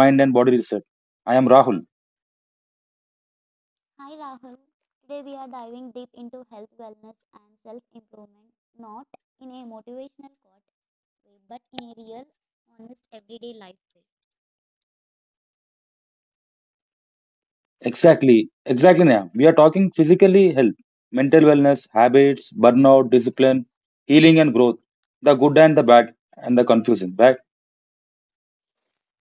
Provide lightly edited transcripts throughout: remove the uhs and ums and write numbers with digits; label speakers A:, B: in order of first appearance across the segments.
A: Mind and Body Reset. I am Rahul.
B: Hi Rahul. Today we are diving deep into health, wellness, and self improvement, not in a motivational quote way, but in a real, honest, everyday life way.
A: Exactly now, we are talking physically health, mental wellness, habits, burnout, discipline, healing and growth, the good and the bad, and the confusion. Bad?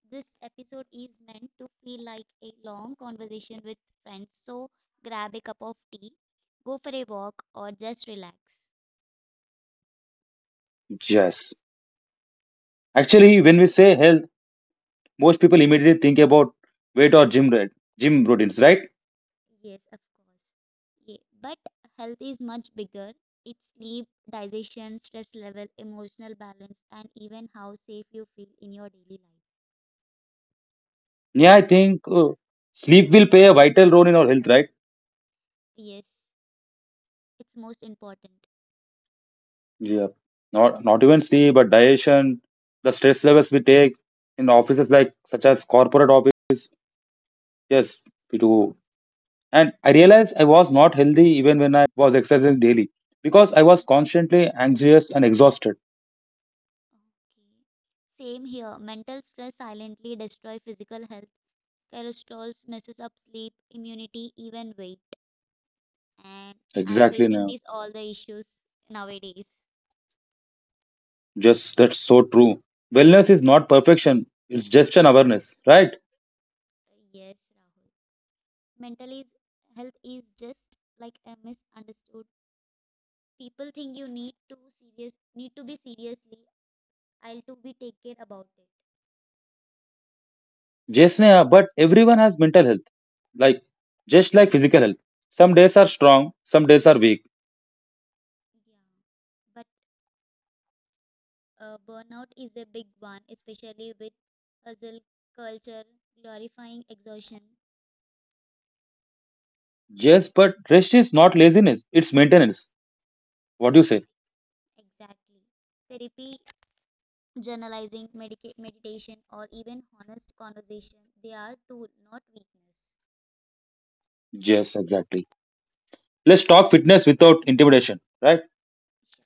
B: This episode is meant to feel like a long conversation with friends, so grab a cup of tea, go for a walk, or just relax.
A: Yes. Actually, when we say health, most people immediately think about weight or gym, gym routines, right?
B: Yes, of course. Yeah, but health is much bigger. It's sleep, digestion, stress level, emotional balance, and even how safe you feel in your daily life.
A: Yeah, I think sleep will play a vital role in our health, right?
B: Yes. It's most important.
A: Yeah. Not even sleep, but digestion, the stress levels we take in offices like such as corporate office. Yes, we do. And I realized I was not healthy even when was exercising daily because I was
B: Mhm.
A: constantly anxious and exhausted.
B: Okay. Same here. Mental stress silently destroy physical health. Cholesterol messes up sleep, immunity, even weight. And I'm
A: Exactly
B: facing
A: now.
B: these all the issues nowadays.
A: Just that's so true. Wellness is not perfection. It's just an awareness, right?
B: Yes, Rahul. Mental is, health is just like a misunderstood. People think you need to serious need to be seriously. I'll to be take care about it.
A: Yes, Neha, but everyone has mental health. Like just like physical health. Some days are strong, some days are weak.
B: Yeah. But burnout is a big one, especially with hustle culture glorifying exhaustion.
A: Yes, but rest is not laziness, it's maintenance. What do you say?
B: Exactly. Therapy, journalizing, meditation, or even honest conversation, they are tool, not weakness.
A: Yes, exactly. Let's talk fitness without intimidation, right?
B: Sure.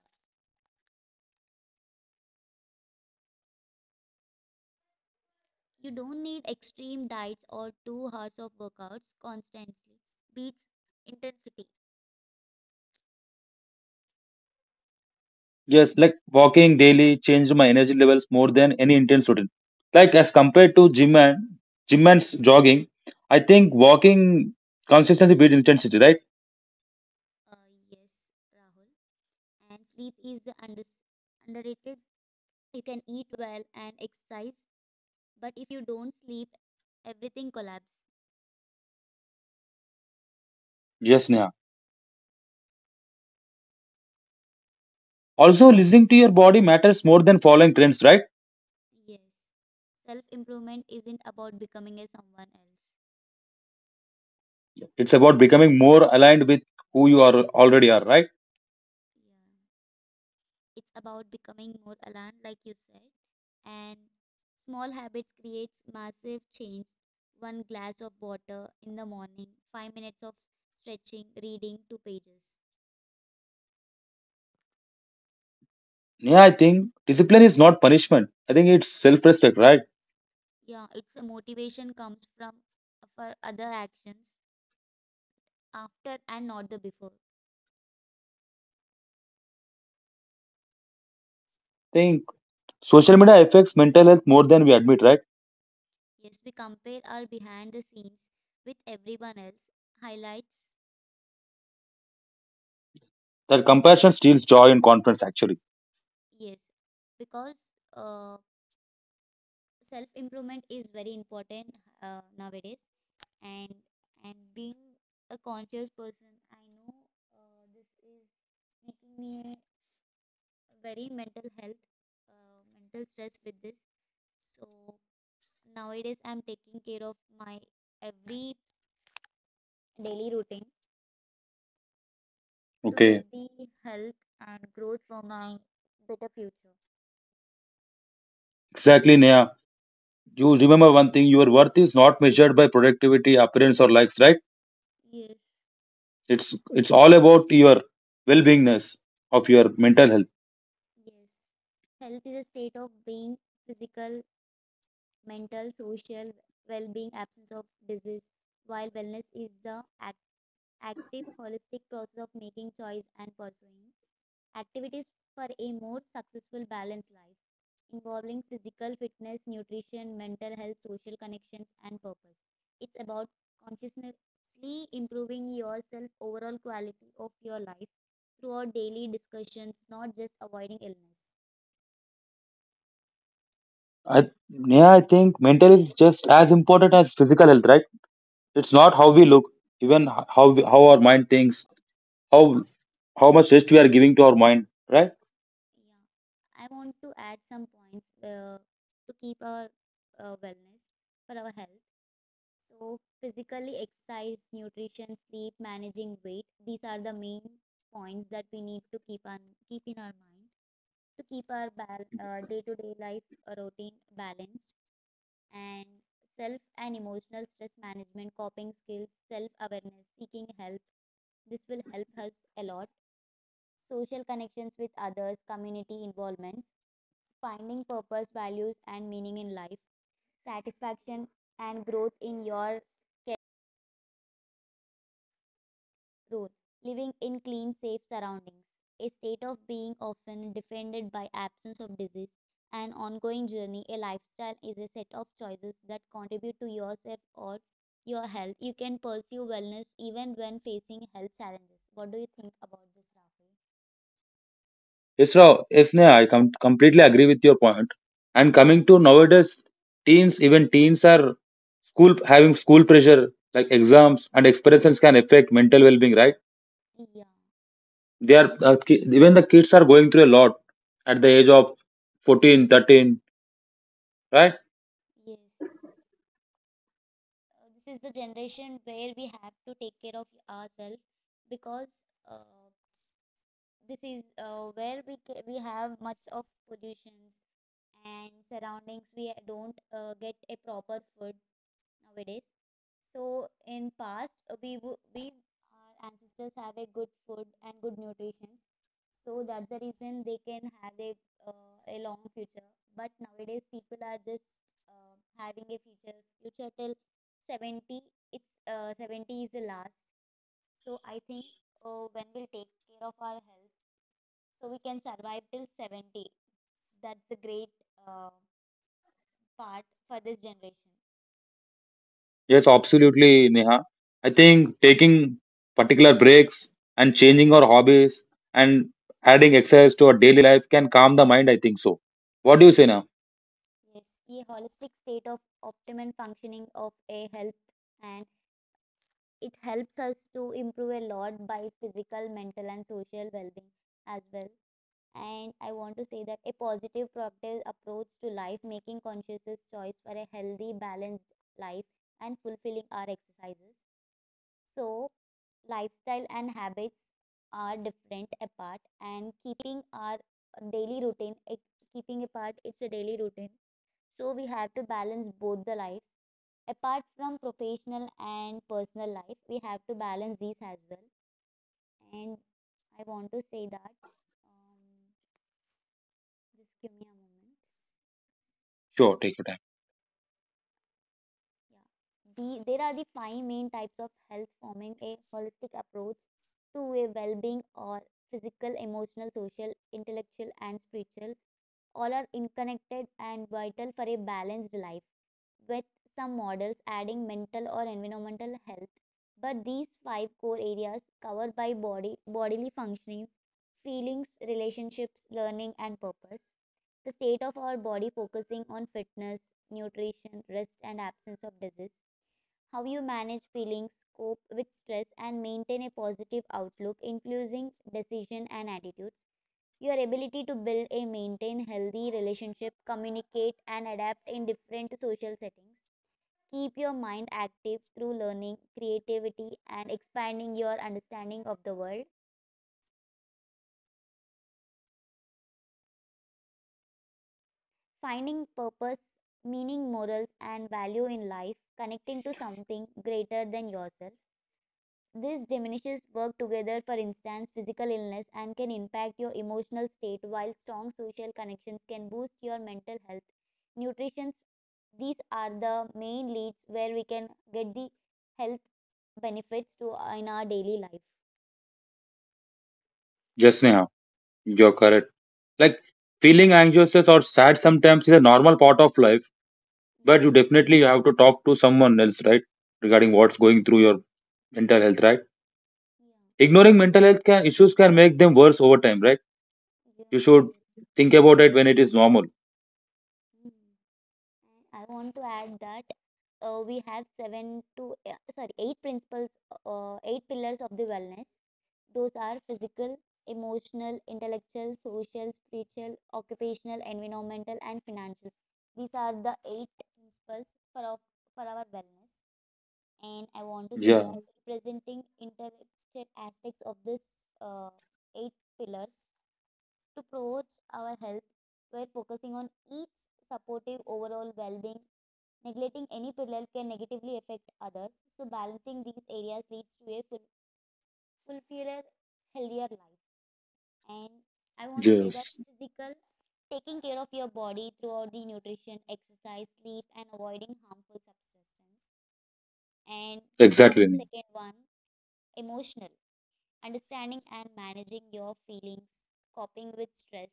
B: You don't need extreme diets or 2 hours of workouts constantly. Beats intensity.
A: Yes, like walking daily changed my energy levels more than any intense routine. Like as compared to gym and jogging, I think walking consistency beat intensity, right?
B: Yes, Rahul. And sleep is the underrated. You can eat well and exercise but if you don't sleep, everything collapses.
A: Yes, Neha. Also, listening to your body matters more than following trends, right?
B: Yes. Self improvement isn't about becoming a someone else.
A: It's about becoming more aligned with who you are already are, right?
B: Yeah. It's about becoming more aligned, like you said. And small habits creates massive change. One glass of water in the morning, 5 minutes of stretching, reading two pages.
A: Yeah, I think discipline is not punishment. I think it's self-respect, right?
B: Yeah, it's a motivation comes from for other actions after and not the before.
A: think social media affects mental health more than we admit, right?
B: Yes, we compare our behind the scenes with everyone else. Highlights,
A: That compassion steals joy and confidence, actually.
B: yes, because uh, self improvement is very important nowadays, and and being a conscious person, I know this is making me very mental health, mental stress with this. So nowadays, I'm taking care of my every daily routine to get
A: Okay,
B: the health and growth for my better future.
A: exactly, Neha. You remember one thing: your worth is not measured by productivity, appearance, or likes, right?
B: Yes.
A: It's all about your well-beingness of your mental health.
B: Yes. Health is a state of being, physical, mental, social well being, absence of disease, while wellness is the active, holistic process of making choice and pursuing activities for a more successful, balanced life, involving physical fitness, nutrition, mental health, social connections, and purpose. It's about consciously improving yourself, overall quality of your life throughout daily discussions, not just avoiding illness.
A: I, Neha, I think mental health is just as important as physical health, right? It's
B: Yes.
A: not how we look, even how we, how our mind thinks, how how much rest we are giving to our mind, right?
B: Yeah, I want to add some points to keep our wellness for our health. So, physically, exercise, nutrition, sleep, managing weight, these are the main points that we need to keep on keep in our mind to keep our day-to-day life routine balanced and self and emotional stress management, coping skills, self-awareness, seeking help. This will help us a lot. Social connections with others, community involvement finding purpose, values, and meaning in life, satisfaction, and growth in your role, living in clean, safe surroundings, a state of being often defended by absence of disease, an ongoing journey, a lifestyle is a set of choices that contribute to yourself or your health. You can pursue wellness even when facing health challenges. What do you think about this, Rafi?
A: Isra, yes, Neha, I completely agree with your point. And coming to nowadays, teens, even teens are school having school pressure, like exams and experiences can affect mental well-being, right?
B: Yeah,
A: They are
B: and improve.
A: even the kids are going through a lot at the age of 14, 13, right?
B: Yes. This is the generation where we have to take care of ourselves because uh, this is where we we have much of pollutions and surroundings we don't get a proper food nowadays so in past, we we our ancestors have a good food and good nutrition. So that's the reason they can have a long future. But nowadays, people are just having a future till 70. It's 70 is the last. So I think when we'll take care of our health, so we can survive till 70. That's the great uh, part for this generation.
A: Yes, absolutely, Neha. I think taking particular breaks and changing our hobbies and adding exercise to our daily life can calm the mind. I think so. What do you say
B: Yes.
A: now?
B: Yes, a holistic state of optimum functioning of a health and it helps us to improve a lot by physical, mental and social well-being as well. And I want to say that a positive proactive approach to life, making conscious choice for a healthy, balanced life and fulfilling our exercises. So lifestyle and habits are different apart and keeping our daily routine, keeping apart it's a daily routine so we have to balance both the lives. Apart from professional and personal life, we have to balance these as well. And I want to say that, um, just give me a moment.
A: Sure, take your time.
B: Yeah. There are the five main types of health forming a holistic approach to a well-being or physical, emotional, social, intellectual, and spiritual. All are interconnected and vital for a balanced life, with some models adding mental or environmental health. But these five core areas covered by body, bodily functionings, feelings, relationships, learning, and purpose. The state of our body focusing on fitness, nutrition, rest, and absence of disease. How you manage feelings, cope with stress, and maintain a positive outlook, influencing decision and attitudes. Your ability to build a maintain healthy relationship, communicate, and adapt in different social settings. Keep your mind active through learning, creativity, and expanding your understanding of the world. Finding purpose, meaning, morals, and value in life, connecting to something greater than yourself. This diminishes work together, for instance, physical illness, and can impact your emotional state, while strong social connections can boost your mental health. Nutrition, these are the main leads where we can get the health benefits to in our daily life.
A: Yes, Neha. You're correct. Like feeling anxious or sad sometimes is a normal part of life,
B: Yeah.
A: but you definitely have to talk to someone else, right? Regarding what's going through your mental health, right?
B: Yeah,
A: Ignoring
B: and
A: mental health can, issues can make them worse over time, right?
B: yeah,
A: You should
B: yes.
A: think about it when it is normal.
B: Mm. And I want to add that we have seven to sorry eight principles, eight pillars of the wellness. Those are physical, emotional, intellectual, social, spiritual, occupational, environmental, and financial. These are the eight principles for our, for our wellness. And I want to say
A: Yeah.
B: that representing interconnected aspects of this uh, eight pillars to promote our health we're focusing on each supportive overall well-being neglecting any pillar can negatively affect others so balancing these areas leads to a fulfiller healthier life and I want to say that
A: Yes.
B: physical taking care of your body throughout the nutrition exercise sleep and avoiding harmful substances and comes
A: Exactly.
B: to
A: Neha.
B: second one emotional understanding and managing your feelings coping with stress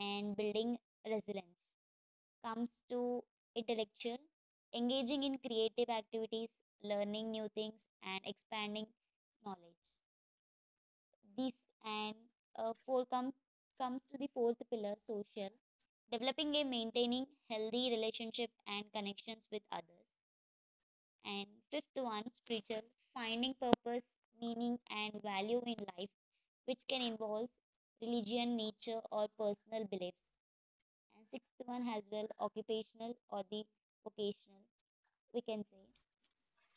B: and building resilience comes to intellectual, engaging in creative activities, learning new things, and expanding knowledge. This and four comes to the fourth pillar, social, developing and maintaining healthy relationship and connections with others. And fifth one, spiritual, finding purpose, meaning, and value in life, which can involve religion, nature, or personal beliefs. And sixth one as well, occupational or the vocational, we can say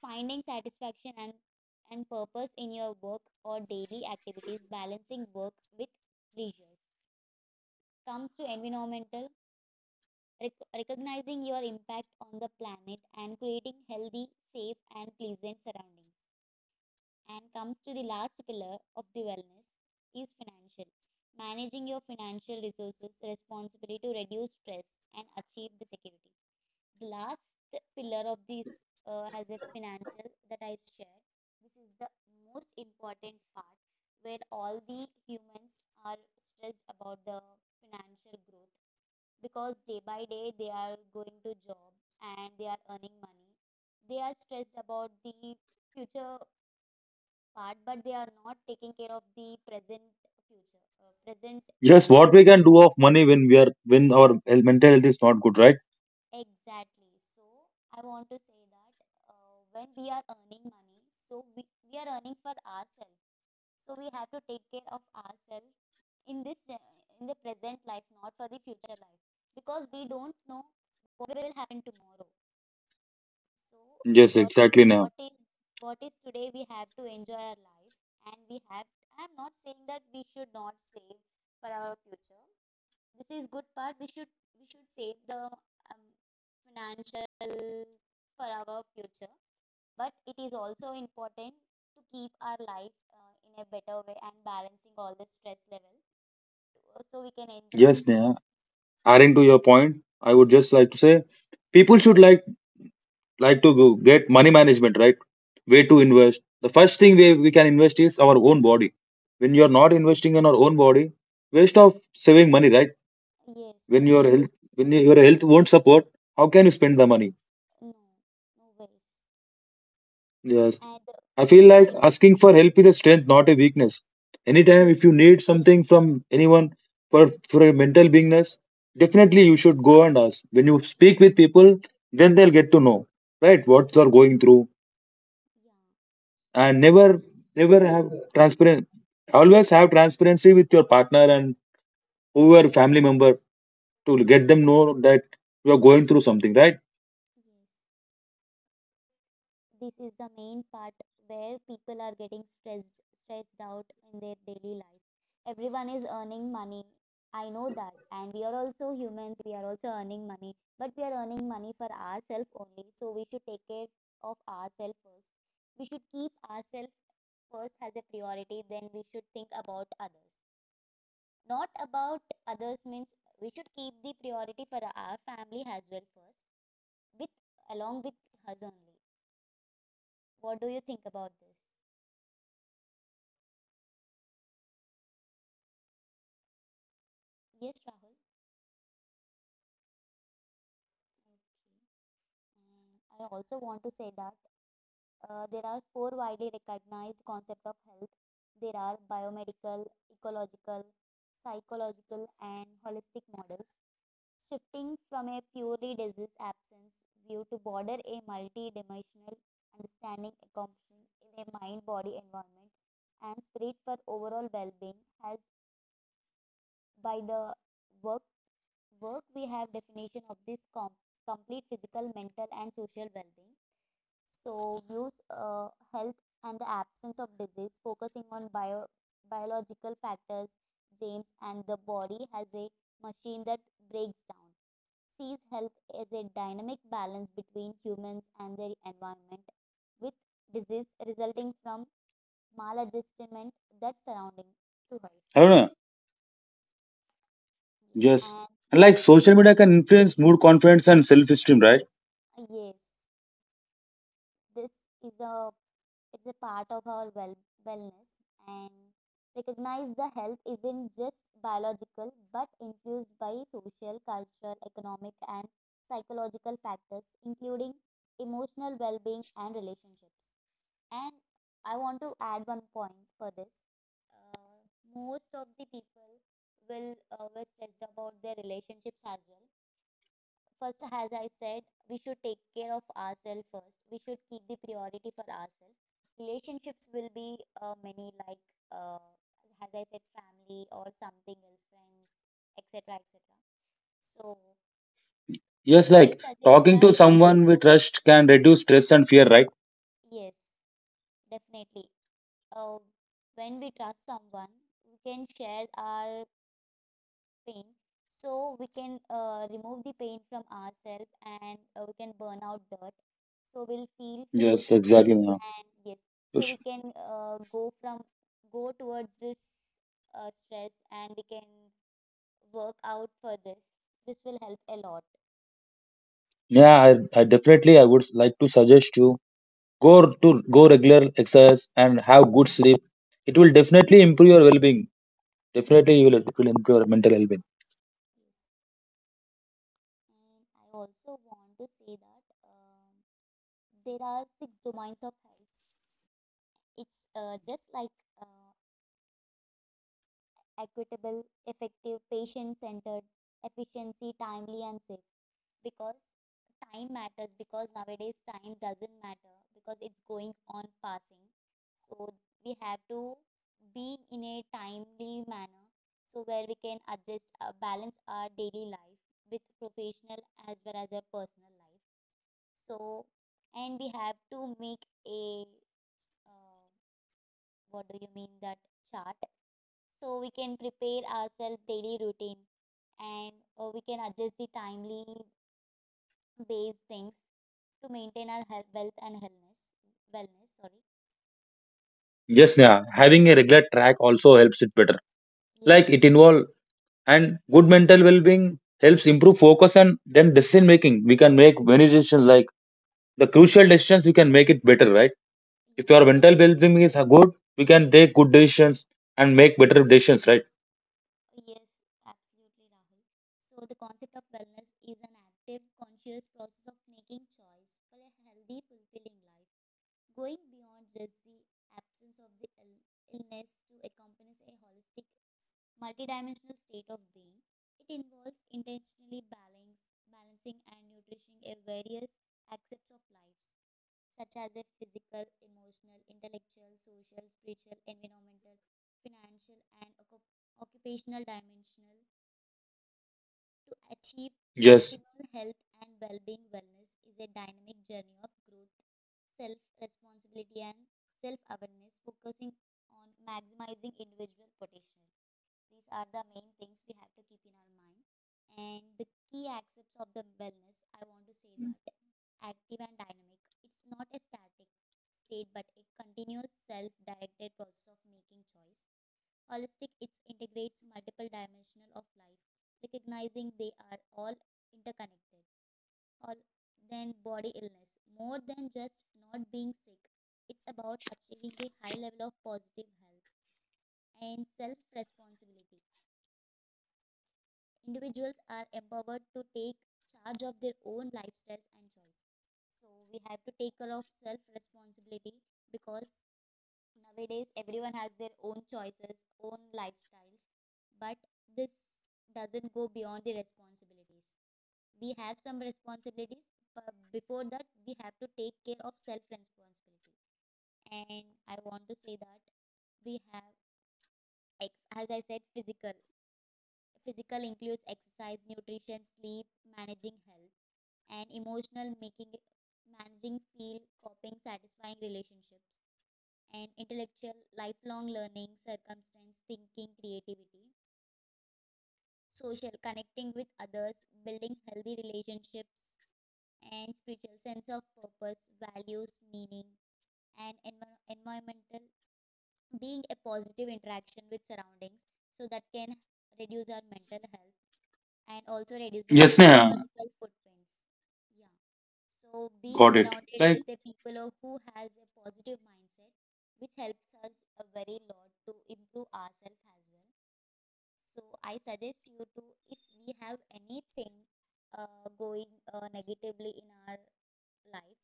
B: finding satisfaction and purpose in your work or daily activities balancing work with leisure comes to environmental recognizing your impact on the planet and creating healthy safe and pleasant surroundings and comes to the last pillar of the wellness is financial managing your financial resources responsibly to reduce stress and achieve the security. The last pillar of this as a financial that I share, this is the most important part where all the humans are stressed about the financial growth because day by day they are going to job and they are earning money. They are stressed about the future part, but they are not taking care of the present
A: Yes.
B: life.
A: What we can do of money when we are when our mental health is not good, right?
B: Exactly. So I want to say that when we are earning money, so we are earning for ourselves. So we have to take care of ourselves in this in the present life, not for the future life, because we don't know what will happen tomorrow. So
A: Yes.
B: what
A: Exactly. Now.
B: what is what is today? We have to enjoy our life, and we have. I'm not saying that we should not save for our future, this is good part. We should save the um, financial for our future, but it is also important to keep our life in a better way and balancing all the stress level so we can enjoy.
A: Yes.
B: So
A: Now. Adding to your point, I would just like to say people should like to get money management right way
B: yes, yeah,
A: to invest. The first thing we can invest is our own body. When you're not investing in our own body, waste of saving money, right?
B: mhm, yes, yes,
A: When your
B: definitely.
A: health won't support, how can you spend the money?
B: No, no ways.
A: Yes,
B: And
A: I feel like
B: and
A: asking for help is a strength, not a weakness. Anytime
B: yes,
A: if you need something from anyone for for a mental beingness, definitely you should go and ask. When you speak with people, then they'll get to know, right, what you're going through.
B: yeah,
A: And never
B: because
A: never have transparent, always have transparency with your partner and whoever
B: mhm,
A: family member to get them
B: mm,
A: know that you are going through something, right?
B: yes. This is the main part where people are getting stressed out in their daily life everyone is earning money I know that and we are also humans we are also earning money but we are earning money for ourselves only so we should take care of ourselves first we should keep ourselves first as a priority then we should think about others not about others means we should keep the priority for our family as well first with along with us only what do you think about this. Yes, Rahul. Okay. And I also want to say that there are four widely recognized concepts of health. There are biomedical, ecological, psychological, and holistic models. Shifting from a purely disease absence view to border a multi-dimensional understanding encompassing in a mind, body, environment, and spirit for overall well-being has by the work work we have definition of this complete physical mental and social well-being so views health and the absence of disease focusing on biological factors james and the body has a machine that breaks down sees health as a dynamic balance between humans and their environment with disease resulting from maladjustment that surrounding to us
A: I don't know.
B: yes
A: Just
B: and
A: and like social media can influence mood, confidence, and self esteem, right?
B: yes this is a it's a part of our well wellness and recognize the health isn't just biological but influenced by social, cultural, economic and psychological factors including emotional well-being and relationships. And I want to add one point for this. Most of the people will always stressed about their relationships as well. First, as I said, we should take care of ourselves first. We should keep the priority for ourselves. Relationships will be many, like uh, as I said, family or something else, friends, etc., etc. So
A: Yes,
B: I
A: like
B: suggest
A: talking to
B: that
A: someone we trust can reduce stress and fear, right?
B: yes, definitely. Uh, when we trust someone, we can share our pain, so we can remove the pain from ourselves and we can burn out dirt. So we'll feel free.
A: Yes, exactly. Yeah.
B: And yes, so
A: Yes.
B: we can go towards this stress and we can work out for this. This will help a lot.
A: Yeah, I definitely, I would like to suggest you go regular exercise and have good sleep. It will definitely improve your well-being.
B: Yeah,
A: Definitely, it will improve your mental well-being.
B: yes. And I also want to say that there are six domains of health. It's just like uh, equitable, effective, patient centered, efficiency, timely, and safe. Because time matters, because nowadays time doesn't matter because it's going on passing, so we have to be in a timely manner so where we can adjust balance our daily life with professional as well as our personal life. So and we have to make a uh, what do you mean that chart so we can prepare ourselves daily routine and we can adjust the timely based things to maintain our health, wealth and wellness. Wellness, sorry.
A: Yes, yeah, having a regular track also helps it better.
B: Yeah,
A: Like it involve and good mental well-being helps improve focus and then decision making. We can make many decisions, like the crucial decisions we can make it better, right?
B: yeah.
A: If your mental well-being is good, we can take good decisions and make better decisions, right?
B: Yes, absolutely, Rahul. So the concept of wellness is an active, conscious process of making choice for a healthy, fulfilling life, going beyond just the absence of the illness to encompass a holistic, multidimensional state of being. It involves intentionally balancing and nourishing a various aspects of life such as their physical, emotional, intellectual, social, spiritual, environmental, financial, and occupational dimensional to achieve
A: Yes,
B: optimal health and well-being. Wellness is a dynamic journey of growth, self-responsibility, and self-awareness focusing on maximizing individual potential. These are the main things we have to keep in our mind. And the key aspects of the wellness, I want to say that active and dynamic. It's not a static state, but a continuous self-directed process of making choice. Holistic, it integrates multiple dimensions of life, recognizing they are all interconnected. All then body illness, more than just not being sick, it's about achieving a high level of positive health and self responsibility. Individuals are empowered to take charge of their own lifestyles and choice. So we have to take care of self responsibility because nowadays everyone has their own choices, own lifestyles, but this doesn't go beyond the responsibilities. We have some responsibilities, but before that, we have to take care of self responsibility. And I want to say that we have, like, as I said, physical. Physical includes exercise, nutrition, sleep, managing health, and emotional making managing feel, coping, satisfying relationships, and intellectual lifelong learning, circumstance, thinking, creativity, social connecting with others, building healthy relationships, and spiritual sense of purpose, values, meaning, and environmental being a positive interaction with surroundings so that can reduce our mental health and also reducing
A: yes, Neha,
B: ecological footprints. Yeah. So being
A: got it.
B: surrounded
A: Like,
B: with the people who has a positive mindset, which helps us a very lot to improve ourselves as well. So I suggest you to, if we have anything going negatively in our life,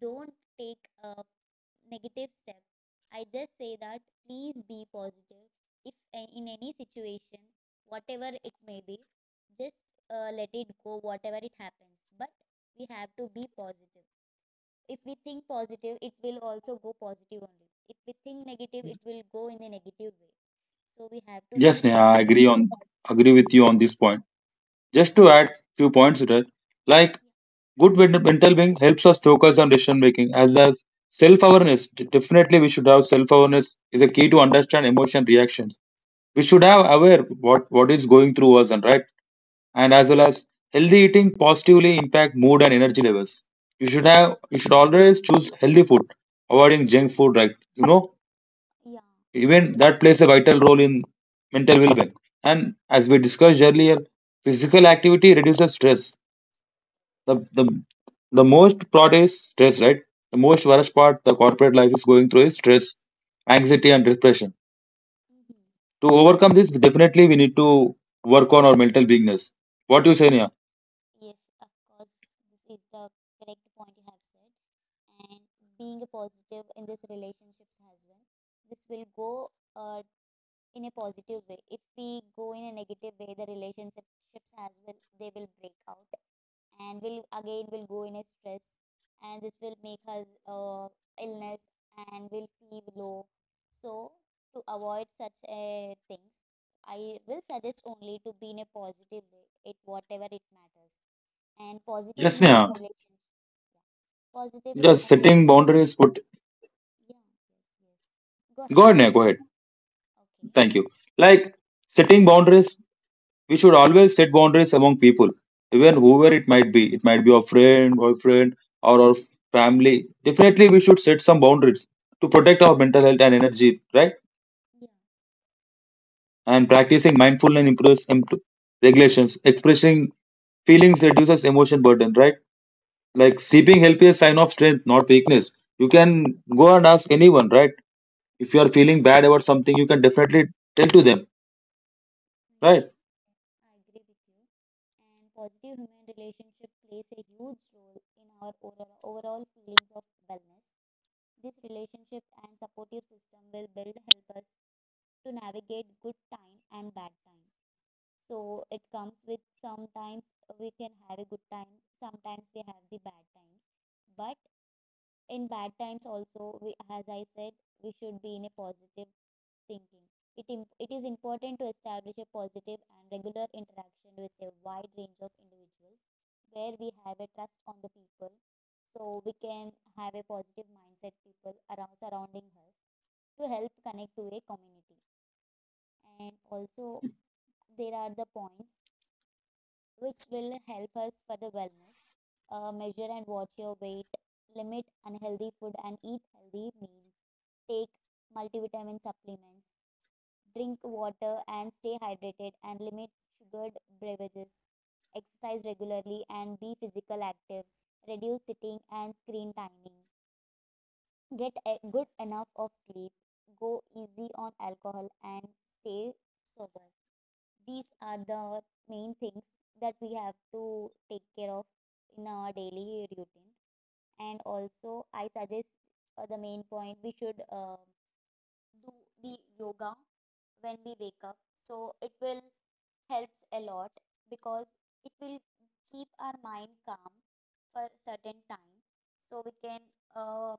B: don't take negative step. I just say that please be positive if in any situation, whatever it may be, just let it go, whatever it happens. But we have to be positive. If we think positive, it will also go positive only. If we think negative, it will go in a negative way. So we have to be
A: yes, Neha, I
B: positive.
A: agree on agree with you on this point. Just
B: Yeah,
A: to add few points to that, like good mental being helps us focus on decision making as well as self awareness. Definitely, we should have self awareness. Is a key to understand emotion reactions, we should have aware what is going through us and right. And as well as healthy eating positively impact mood and energy levels. You should
B: yeah. Yes.
A: have, you should always choose healthy food avoiding junk food, right? You know,
B: Yeah.
A: even that plays a vital role in mental well-being. And as we discussed earlier, physical activity reduces stress. The the, the most part is stress, right? The most worst part the corporate life is going through is stress, anxiety and depression.
B: Mm-hmm.
A: To overcome this, definitely we need to work on our mental bigness. What do you say, Neha?
B: Yes, of course. This is the correct point you have said. And being a positive in this relationships as well. This will go in a positive way. If we go in a negative way, the relationships as well they will break out and will again will go in a stress and this will make us illness and will feel low. So to avoid such things, I will suggest only to be in a positive way, it whatever it matters. And positive
A: Yes,
B: human
A: Neha.
B: relationship, yeah. Positive
A: Just
B: human
A: setting
B: relationship,
A: boundaries. Put
B: yeah, yes, yes. Go ahead.
A: go ahead, Neha. Go ahead.
B: Okay.
A: Thank you. Like setting boundaries, we should always set boundaries among people, even
B: Mhm.
A: whoever it might be. It might be our friend, boyfriend, or our family. Definitely, we should set some boundaries to protect
B: Yes,
A: our mental health and energy, right?
B: yeah,
A: And practicing mindfulness improves regulations. Expressing feelings reduces emotion burden, right? Like
B: yes, of
A: sleeping
B: course.
A: healthy is a sign of strength, not weakness. You can go and ask anyone, right? If you
B: Oh,
A: are
B: yeah, yeah,
A: feeling bad about something, you can definitely tell to them, right?
B: yeah. I agree with you. And positive human relationship plays a huge role in our overall feelings of wellness. This relationship and supportive system will build help us to navigate good time and bad time. So it comes with sometimes we can have a good time, sometimes we have the bad times. But in bad times also we, as I said we should be in a positive thinking it, it is important to establish a positive and regular interaction with a wide range of individuals where we have a trust on the people so we can have a positive mindset people around surrounding us to help connect to a community and also there are the points which will help us for the wellness. Uh, measure and watch your weight limit unhealthy food and eat healthy meals, take multivitamin supplements, drink water and stay hydrated, and limit sugared beverages. Exercise regularly and be physical active. Reduce sitting and screen timing. Get a good enough of sleep. Go easy on alcohol and stay sober. These are the main things that we have to take care of in our daily routine. And also, I suggest the main point we should do the yoga when we wake up. So it will helps a lot because it will keep our mind calm for certain time. So we can uh,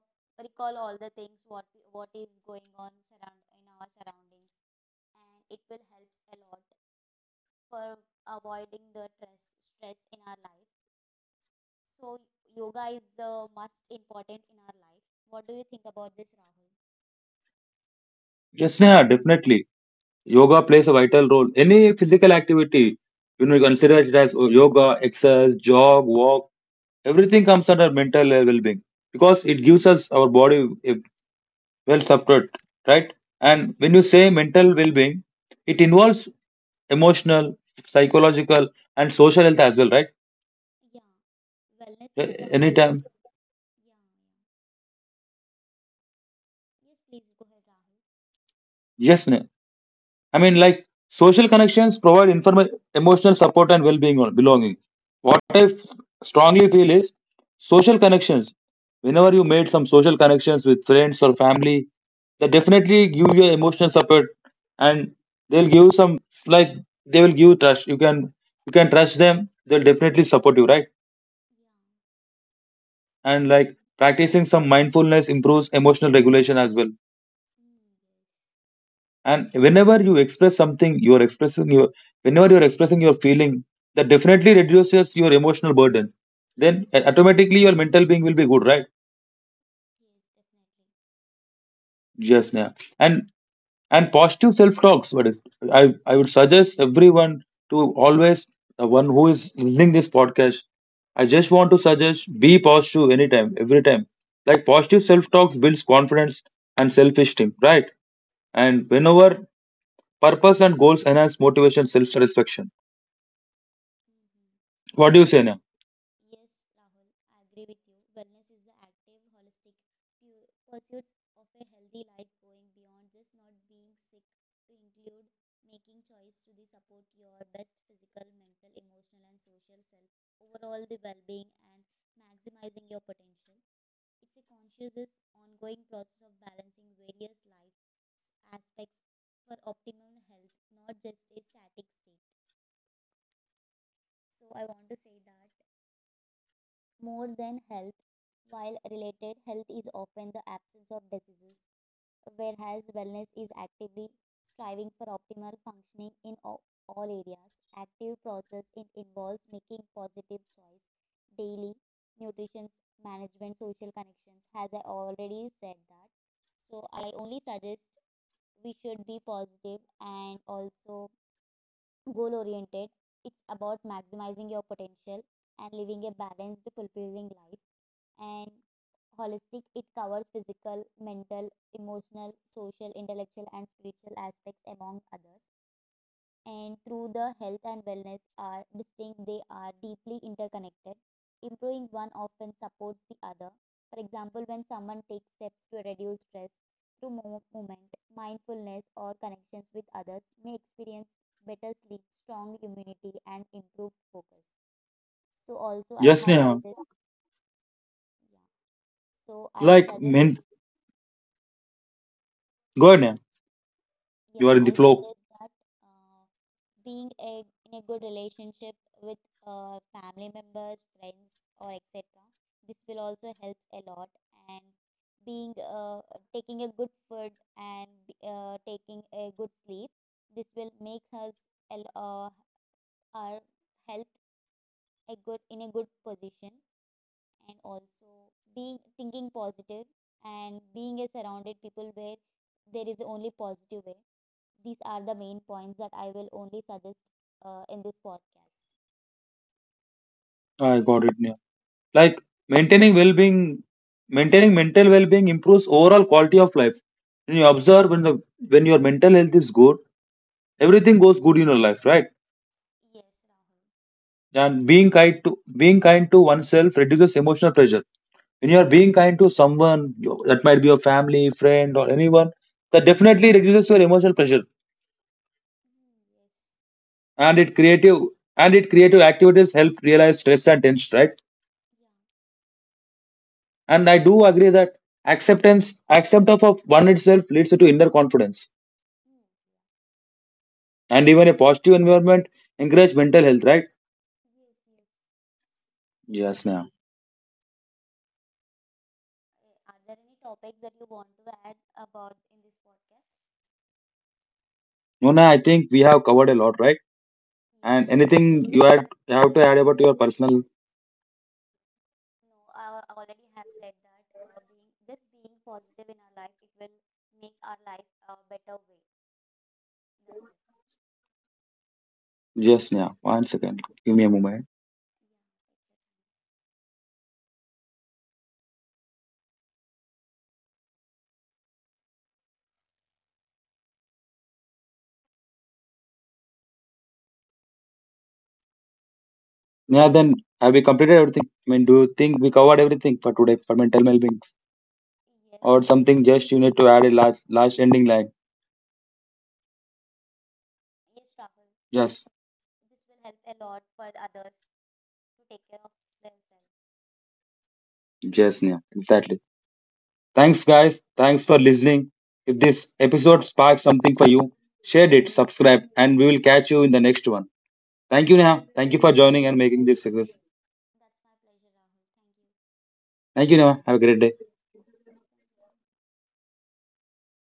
B: recall all the things what is going on surround in our surroundings, and it will helps a lot for avoiding the stress in our life. So yoga is the most important in our life. What do you think about this, Rahul?
A: Yes, yeah, definitely. Yoga plays a vital role. Any physical activity, you consider it as yoga, exercise, jog, walk. Everything comes under mental well-being because it gives us our body a well supported, right? And when you
B: Yes.
A: say mental well-being, it involves emotional, psychological, and social health as well, right?
B: Yeah. Wellness is the
A: Anytime.
B: active. Yeah. Yeah. Yes, please go ahead, Rahul.
A: Yes, I mean, like social connections provide emotional support and well-being or belonging. What
B: Yeah.
A: I strongly feel is social connections. Whenever you made some social connections with friends or family, they definitely give you emotional support, and they'll give some, like they will give trust. You can trust them. They'll definitely support you, right?
B: Yeah.
A: And like
B: And
A: practicing some mindfulness improves emotional regulation as well.
B: yes,
A: And whenever you express something, you are expressing your feeling, that definitely reduces your emotional burden, then automatically your mental being will be good, right?
B: yes, definitely.
A: Yes, yeah. And positive self talks, what is, I would suggest everyone to always, the one who is listening this podcast, I just want to suggest be positive anytime every time. Like positive self talks builds confidence and self esteem, right? And
B: Yeah.
A: whenever purpose and goals enhance motivation, self satisfaction.
B: Mm-hmm.
A: What do you say, Neha?
B: Wellness. Yes, Rahul, I agree with you. Wellness is the active, holistic pursuits of a healthy life going beyond just not being sick to include making choice to the support your best physical, mental, emotional, and social self. Overall, the well-being and maximizing your potential. It's a conscious, is ongoing process of balancing various life aspects for optimal health, not just a static state. So I want to say that more than health, while related health is often the absence of diseases, whereas wellness is actively striving for optimal functioning in all, areas. Active process it involves making positive choice daily, nutrition management, social connections. As I already said that, so I only suggest we should be positive and also goal oriented. It's about maximizing your potential and living a balanced, fulfilling life and holistic it covers physical mental emotional social intellectual and spiritual aspects among others and through the health and wellness are distinct they are deeply interconnected improving one often supports the other for example when someone takes steps to reduce stress through movement mindfulness or connections with others may experience better sleep strong immunity and improved focus so also I
A: Yes,
B: have
A: Neha.
B: suggest yeah so I
A: Like,
B: suggest.
A: go ahead, Neha.
B: Yeah,
A: You are in the
B: I
A: flow.
B: suggest that uh, being a, in a good relationship with family members, friends, or etc. This will also help a lot. And being taking a good food and taking a good sleep, this will make us a our health a good in a good position. And also being thinking positive and being a surrounded people where there is only positive way these are the main points that I will only suggest in this podcast.
A: I got it, Neha. Like, maintaining well-being, maintaining mental well-being improves overall quality of life. When you observe when the when your mental health is good, everything goes good in your life, right?
B: Yes, Rahul.
A: And being kind to oneself reduces emotional pressure. When you are being
B: Yeah.
A: kind to someone, that might be your family, friend, or anyone, that definitely reduces your emotional pressure.
B: Yes,
A: And
B: I agree with you.
A: it creative activities help realize stress and tension, right?
B: Yeah.
A: And I do agree that acceptance, accept of one itself leads to inner confidence.
B: Mm, yeah.
A: And even a positive environment encourage mental health, right?
B: Yes, yes.
A: Yes, now.
B: Are there any topics that you want to add about in this podcast?
A: Mona, I think we have covered a lot, right?
B: Yes,
A: And
B: Rahul.
A: anything you have to add about your personal.
B: No, I already have said that being just being positive in our life, it will make our life a better way. That's it.
A: Yes, now. One second. Give me a moment. Yeah, then have we completed everything? I mean, do you think we covered everything for today for mental well being?
B: Yeah. Exactly. Yes,
A: Or
B: Rahul.
A: something just you need to add a last ending line?
B: Yes, Rahul.
A: Just
B: This will help a lot for others to take care of themselves.
A: just yeah, exactly. Thanks, guys. Thanks for listening. If this episode sparked something for you, share it, subscribe, and we will catch you in the next one. Thank you, Neha. Thank you for joining and making this success.
B: That's my pleasure, Rahul. Thank you.
A: Thank you, Neha. Have a great day.
B: Thank you. Thank you.